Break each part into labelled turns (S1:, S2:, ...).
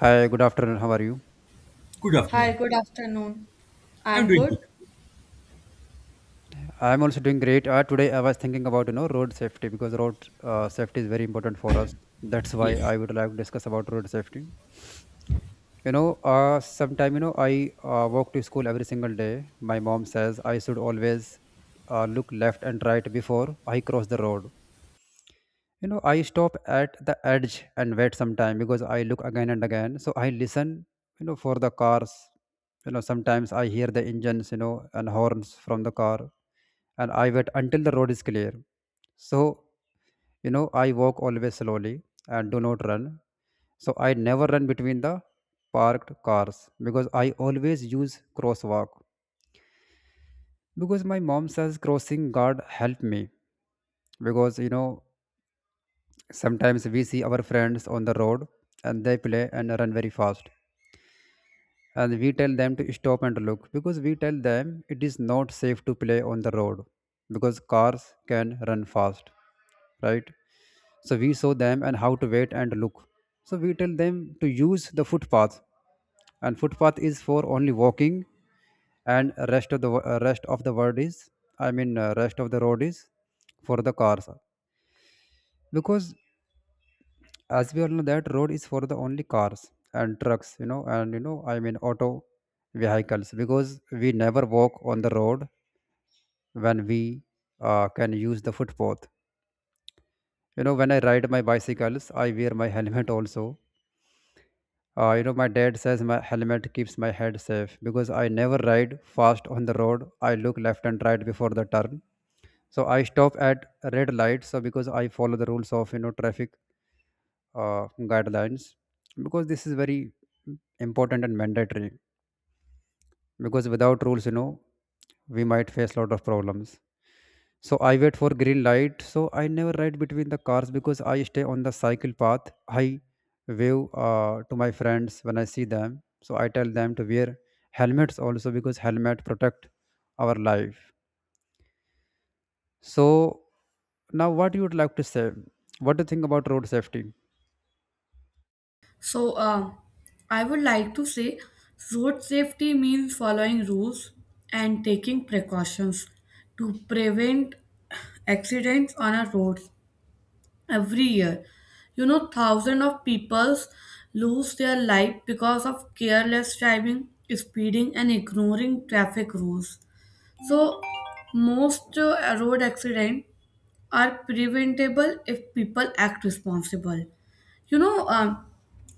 S1: Hi, good afternoon. How are you?
S2: Good
S3: Hi,
S2: afternoon.
S3: good afternoon.
S2: I'm
S3: I'm
S2: doing good.
S3: good.
S1: I'm also doing great. Today I was thinking about road safety because road safety is very important for us. That's why
S2: Yes.
S1: I would like to discuss about road safety. Sometime I walk to school every single day. My mom says I should always look left and right before I cross the road. You know, I stop at the edge and wait sometime because I look again and again, so I listen, for the cars. Sometimes I hear the engines, and horns from the car, and I wait until the road is clear. So, I walk always slowly and do not run. So I never run between the parked cars, because I always use crosswalk, because my mom says crossing guard help me. Because sometimes we see our friends on the road and they play and run very fast. And we tell them to stop and look, because we tell them it is not safe to play on the road, because cars can run fast, right? So we show them and how to wait and look. So we tell them to use the footpath, and footpath is for only walking, and rest of the world is, rest of the road is for the cars, because as we all know that road is for the only cars and trucks, you know and you know I mean auto vehicles, because we never walk on the road when we can use the footpath. When I ride my bicycles, I wear my helmet also. My dad says my helmet keeps my head safe, because I never ride fast on the road. I look left and right before the turn. So I stop at red light, so because I follow the rules of traffic guidelines, because this is very important and mandatory, because without rules, we might face a lot of problems. So I wait for green light. So I never ride between the cars, because I stay on the cycle path. I wave to my friends when I see them. So I tell them to wear helmets also, because helmet protect our life. So now, what you would like to say? What do you think about road safety?
S3: So, uh, I would like to say road safety means following rules and taking precautions to prevent accidents on our roads every year. You know, thousands of people lose their life because of careless driving, speeding, and ignoring traffic rules. So, most road accidents are preventable if people act responsible. You know, um,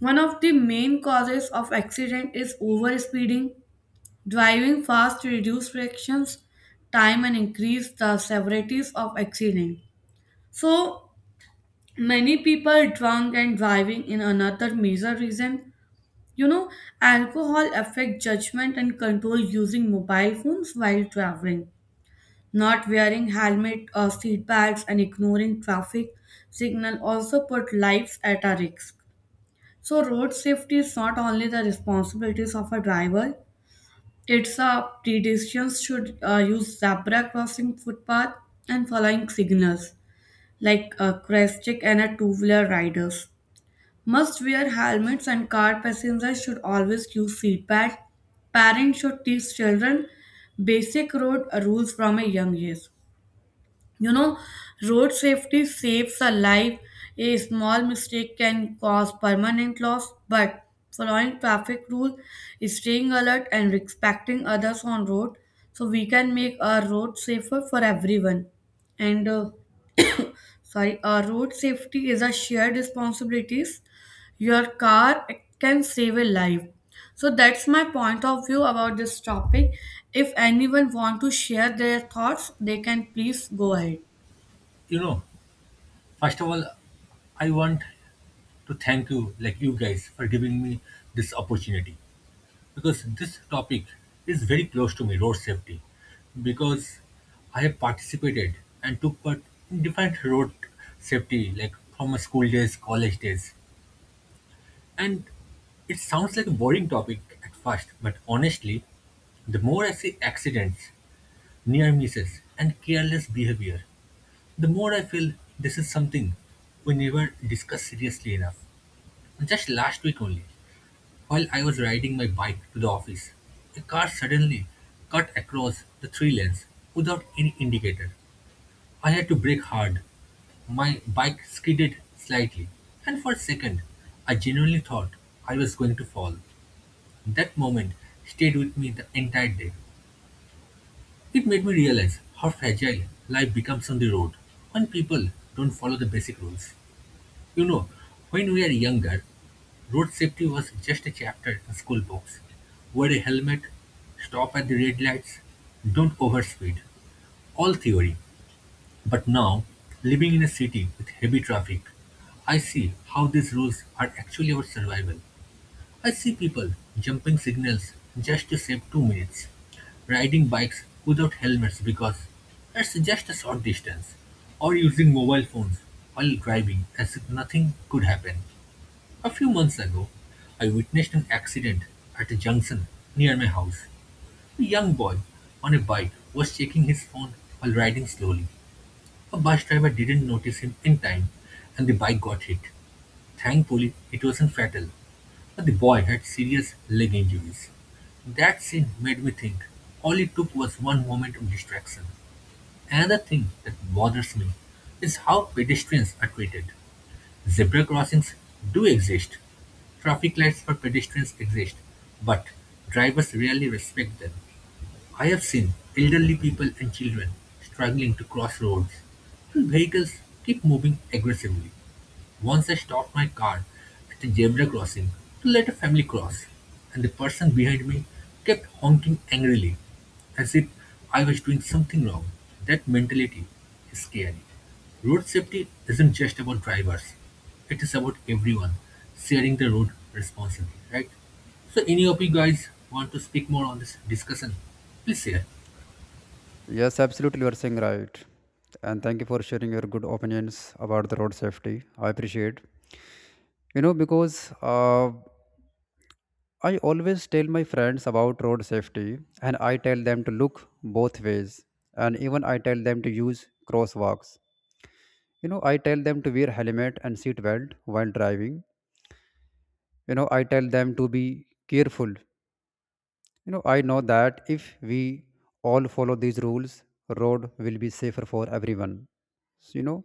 S3: One of the main causes of accident is over speeding. Driving fast to reduce frictions, time, and increase the severities of accident. So many people drunk and driving in another major reason. You know, alcohol affect judgment and control using mobile phones while traveling. Not wearing helmet or seatbelts and ignoring traffic signal also put lives at a risk. So road safety is not only the responsibilities of a driver, it's a pedestrians should use zebra crossing footpath and following signals like a crest check and a two-wheeler riders. Must wear helmets and car passengers should always use seatbelt. Parents should teach children basic road rules from a young age. You know, road safety saves a life. A small mistake can cause permanent loss, but following traffic rules, staying alert, and respecting others on road, so we can make our road safer for everyone. And sorry, our road safety is a shared responsibilities. Your car can save a life. So that's my point of view about this topic. If anyone want to share their thoughts, they can please go ahead.
S2: You know, first of all, I want to thank you, like you guys, for giving me this opportunity because this topic is very close to me, road safety. Because I have participated and took part in different road safety, like from my school days, college days. And it sounds like a boring topic at first, but honestly, the more I see accidents, near misses, and careless behavior, the more I feel this is something we never discuss seriously enough. Just last week only, while I was riding my bike to the office, a car suddenly cut across the three lanes without any indicator. I had to brake hard. My bike skidded slightly, and for a second, I genuinely thought I was going to fall. That moment stayed with me the entire day. It made me realize how fragile life becomes on the road when people don't follow the basic rules. You know, when we are younger, road safety was just a chapter in school books. Wear a helmet, stop at the red lights, don't overspeed. All theory. But now, living in a city with heavy traffic, I see how these rules are actually our survival. I see people jumping signals just to save 2 minutes, riding bikes without helmets because it's just a short distance, or using mobile phones while driving as if nothing could happen. A few months ago, I witnessed an accident at a junction near my house. A young boy on a bike was checking his phone while riding slowly. A bus driver didn't notice him in time and the bike got hit. Thankfully, it wasn't fatal, but the boy had serious leg injuries. That scene made me think all it took was one moment of distraction. Another thing that bothers me is how pedestrians are treated. Zebra crossings do exist, traffic lights for pedestrians exist, but drivers rarely respect them. I have seen elderly people and children struggling to cross roads, and vehicles keep moving aggressively. Once I stopped my car at a zebra crossing to let a family cross, and the person behind me kept honking angrily, as if I was doing something wrong. That mentality is scary. Road safety isn't just about drivers, it is about everyone sharing the road responsibly, right? So, any of you guys want to speak more on this discussion? Please share.
S1: Yes, absolutely, you are saying right, and thank you for sharing your good opinions about the road safety. I appreciate. You know, because I always tell my friends about road safety, and I tell them to look both ways, and even I tell them to use crosswalks. You know, I tell them to wear helmet and seat belt while driving. You know, I tell them to be careful. You know, I know that if we all follow these rules, road will be safer for everyone. So, you know,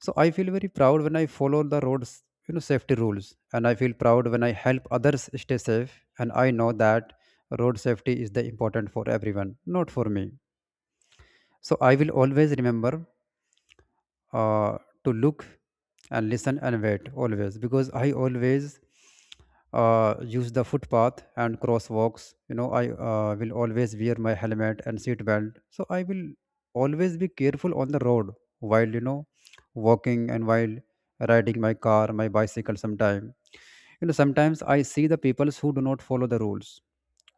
S1: so I feel very proud when I follow the roads, you know, safety rules, and I feel proud when I help others stay safe. And I know that road safety is the important for everyone, not for me. So I will always remember uh, to look and listen and wait always, because I always use the footpath and crosswalks. You know, I will always wear my helmet and seat belt. So I will always be careful on the road while walking and while riding my car, my bicycle. Sometime, you know, sometimes I see the peoples who do not follow the rules.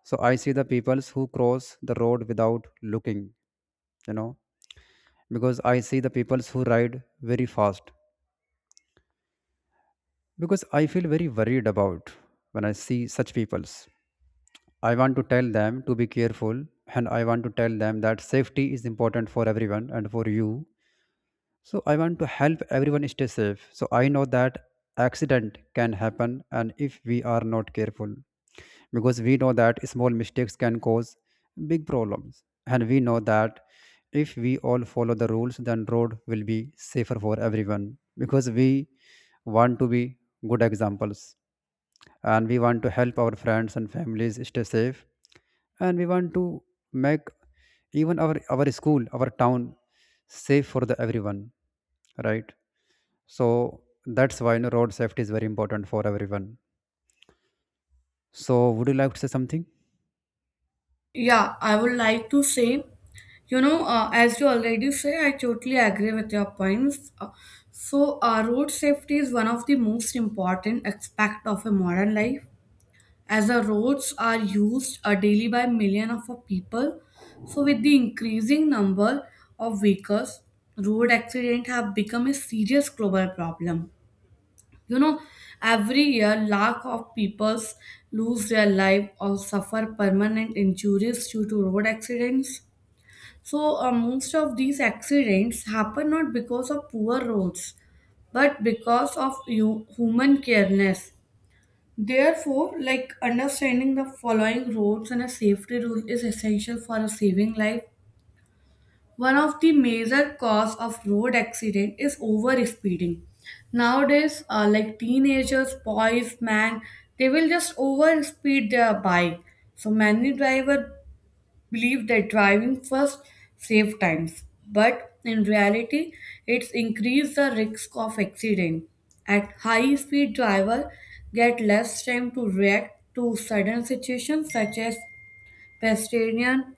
S1: So I see the peoples who cross the road without looking. You know, because I see the peoples who ride very fast, because I feel very worried about when I see such peoples. I want to tell them to be careful, and I want to tell them that safety is important for everyone and for you, so I want to help everyone stay safe. So I know that accident can happen and if we are not careful, because we know that small mistakes can cause big problems, and we know that if we all follow the rules, then road will be safer for everyone, because we want to be good examples, and we want to help our friends and families stay safe, and we want to make even our school, our town safe for the everyone, right? So that's why, you know, road safety is very important for everyone. So would you like to say something?
S3: Yeah, I would like to say, as you already say, I totally agree with your points. So, road safety is one of the most important aspect of a modern life, as the roads are used daily by million of people. So, with the increasing number of vehicles, road accidents have become a serious global problem. You know, every year lakh of peoples lose their life or suffer permanent injuries due to road accidents. So most of these accidents happen not because of poor roads, but because of you, human careness. Therefore, like, understanding the following roads and a safety rule is essential for a saving life. One of the major cause of road accident is over speeding. Nowadays, like teenagers, boys, man, they will just over speed their bike. So many driver believe that driving first save times, but in reality, it's increased the risk of accident. At high speed, driver get less time to react to sudden situations such as pedestrian,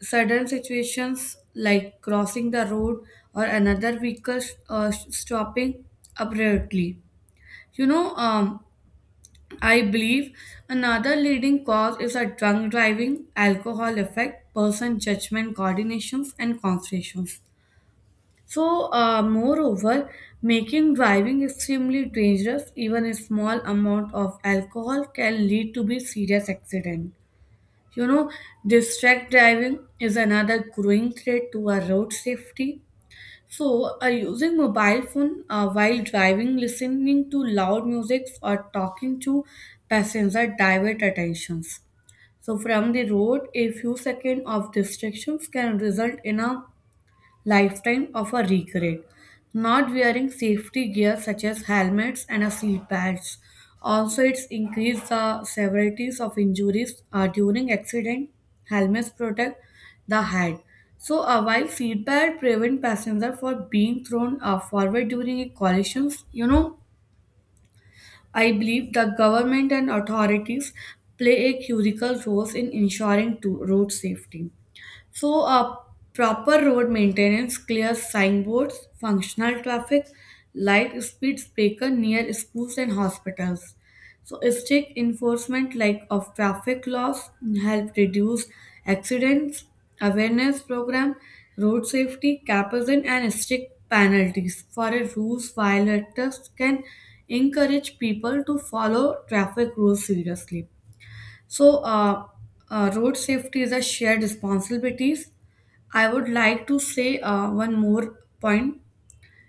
S3: sudden situations like crossing the road or another vehicle stopping abruptly. You know, um, I believe another leading cause is a drunk driving, alcohol effect, person judgment, coordinations, and concentrations. So, moreover, making driving extremely dangerous, even a small amount of alcohol can lead to be serious accident. You know, distract driving is another growing threat to our road safety. So, using mobile phone while driving, listening to loud music, or talking to passenger divert attentions. So, from the road, a few seconds of distractions can result in a lifetime of a regret. Not wearing safety gear such as helmets and a seat belts. Also, it's increased the severities of injuries during accident. Helmets protect the head. So, while seat belt prevent passenger for being thrown forward during a collisions. You know, I believe the government and authorities play a critical role in ensuring to road safety. So, proper road maintenance, clear signboards, functional traffic, light speed breaker near schools and hospitals. So, strict enforcement like of traffic laws help reduce accidents. Awareness program, road safety, capital and strict penalties for a rules violators can encourage people to follow traffic rules seriously. So, road safety is a shared responsibility. I would like to say one more point,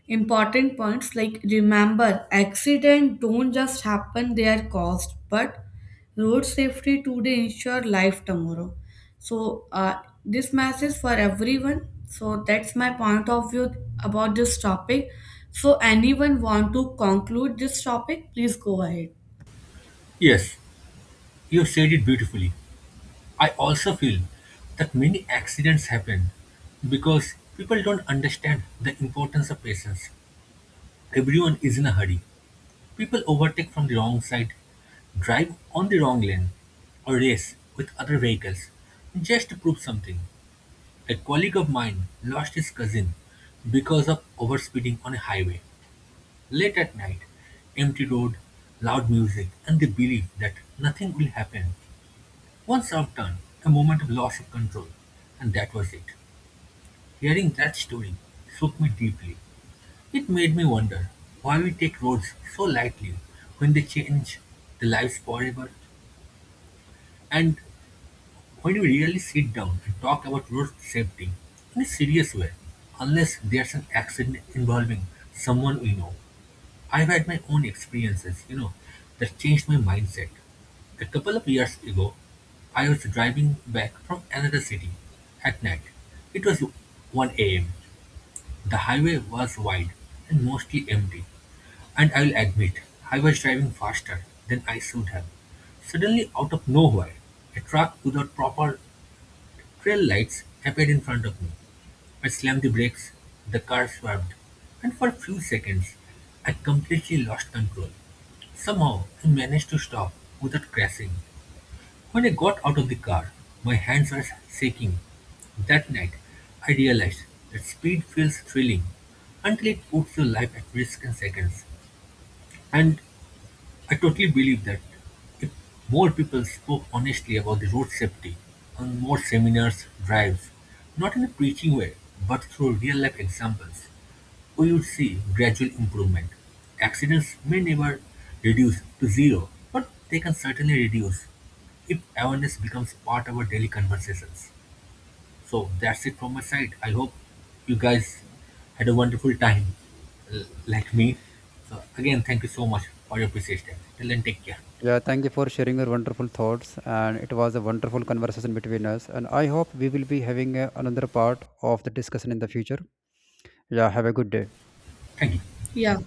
S3: important points like remember, accident don't just happen; they are caused, but road safety today ensure life tomorrow. So this message for everyone. So that's my point of view about this topic. So anyone want to conclude this topic? Please go ahead.
S2: Yes, you have said it beautifully. I also feel that many accidents happen because people don't understand the importance of patience. Everyone is in a hurry. People overtake from the wrong side, drive on the wrong lane, or race with other vehicles just to prove something. A colleague of mine lost his cousin because of overspeeding on a highway. Late at night, empty road, loud music, and the belief that nothing will happen. Once outdone, a moment of loss of control, and that was it. Hearing that story shook me deeply. It made me wonder why we take roads so lightly when they change the lives forever, and when we really sit down and talk about road safety in a serious way, unless there's an accident involving someone we know. I've had my own experiences, you know, that changed my mindset. A couple of years ago, I was driving back from another city at night. It was 1 a.m. The highway was wide and mostly empty. And I'll admit, I was driving faster than I should have. Suddenly, out of nowhere, a truck without proper trail lights appeared in front of me. I slammed the brakes, the car swerved, and for a few seconds I completely lost control. Somehow I managed to stop without crashing. When I got out of the car, my hands were shaking. That night I realized that speed feels thrilling until it puts your life at risk in seconds. And I totally believe that if more people spoke honestly about the road safety on more seminars, drives, not in a preaching way, but through real life examples, we would see gradual improvement. Accidents may never reduce to zero, but they can certainly reduce if awareness becomes part of our daily conversations. So that's it from my side. I hope you guys had a wonderful time, like me. So again, thank you so much for your precious time. Till then, take care.
S1: Yeah, thank you for sharing your wonderful thoughts, and it was a wonderful conversation between us. And I hope we will be having another part of the discussion in the future. Yeah, have a good day.
S2: Thank you.
S3: Yeah.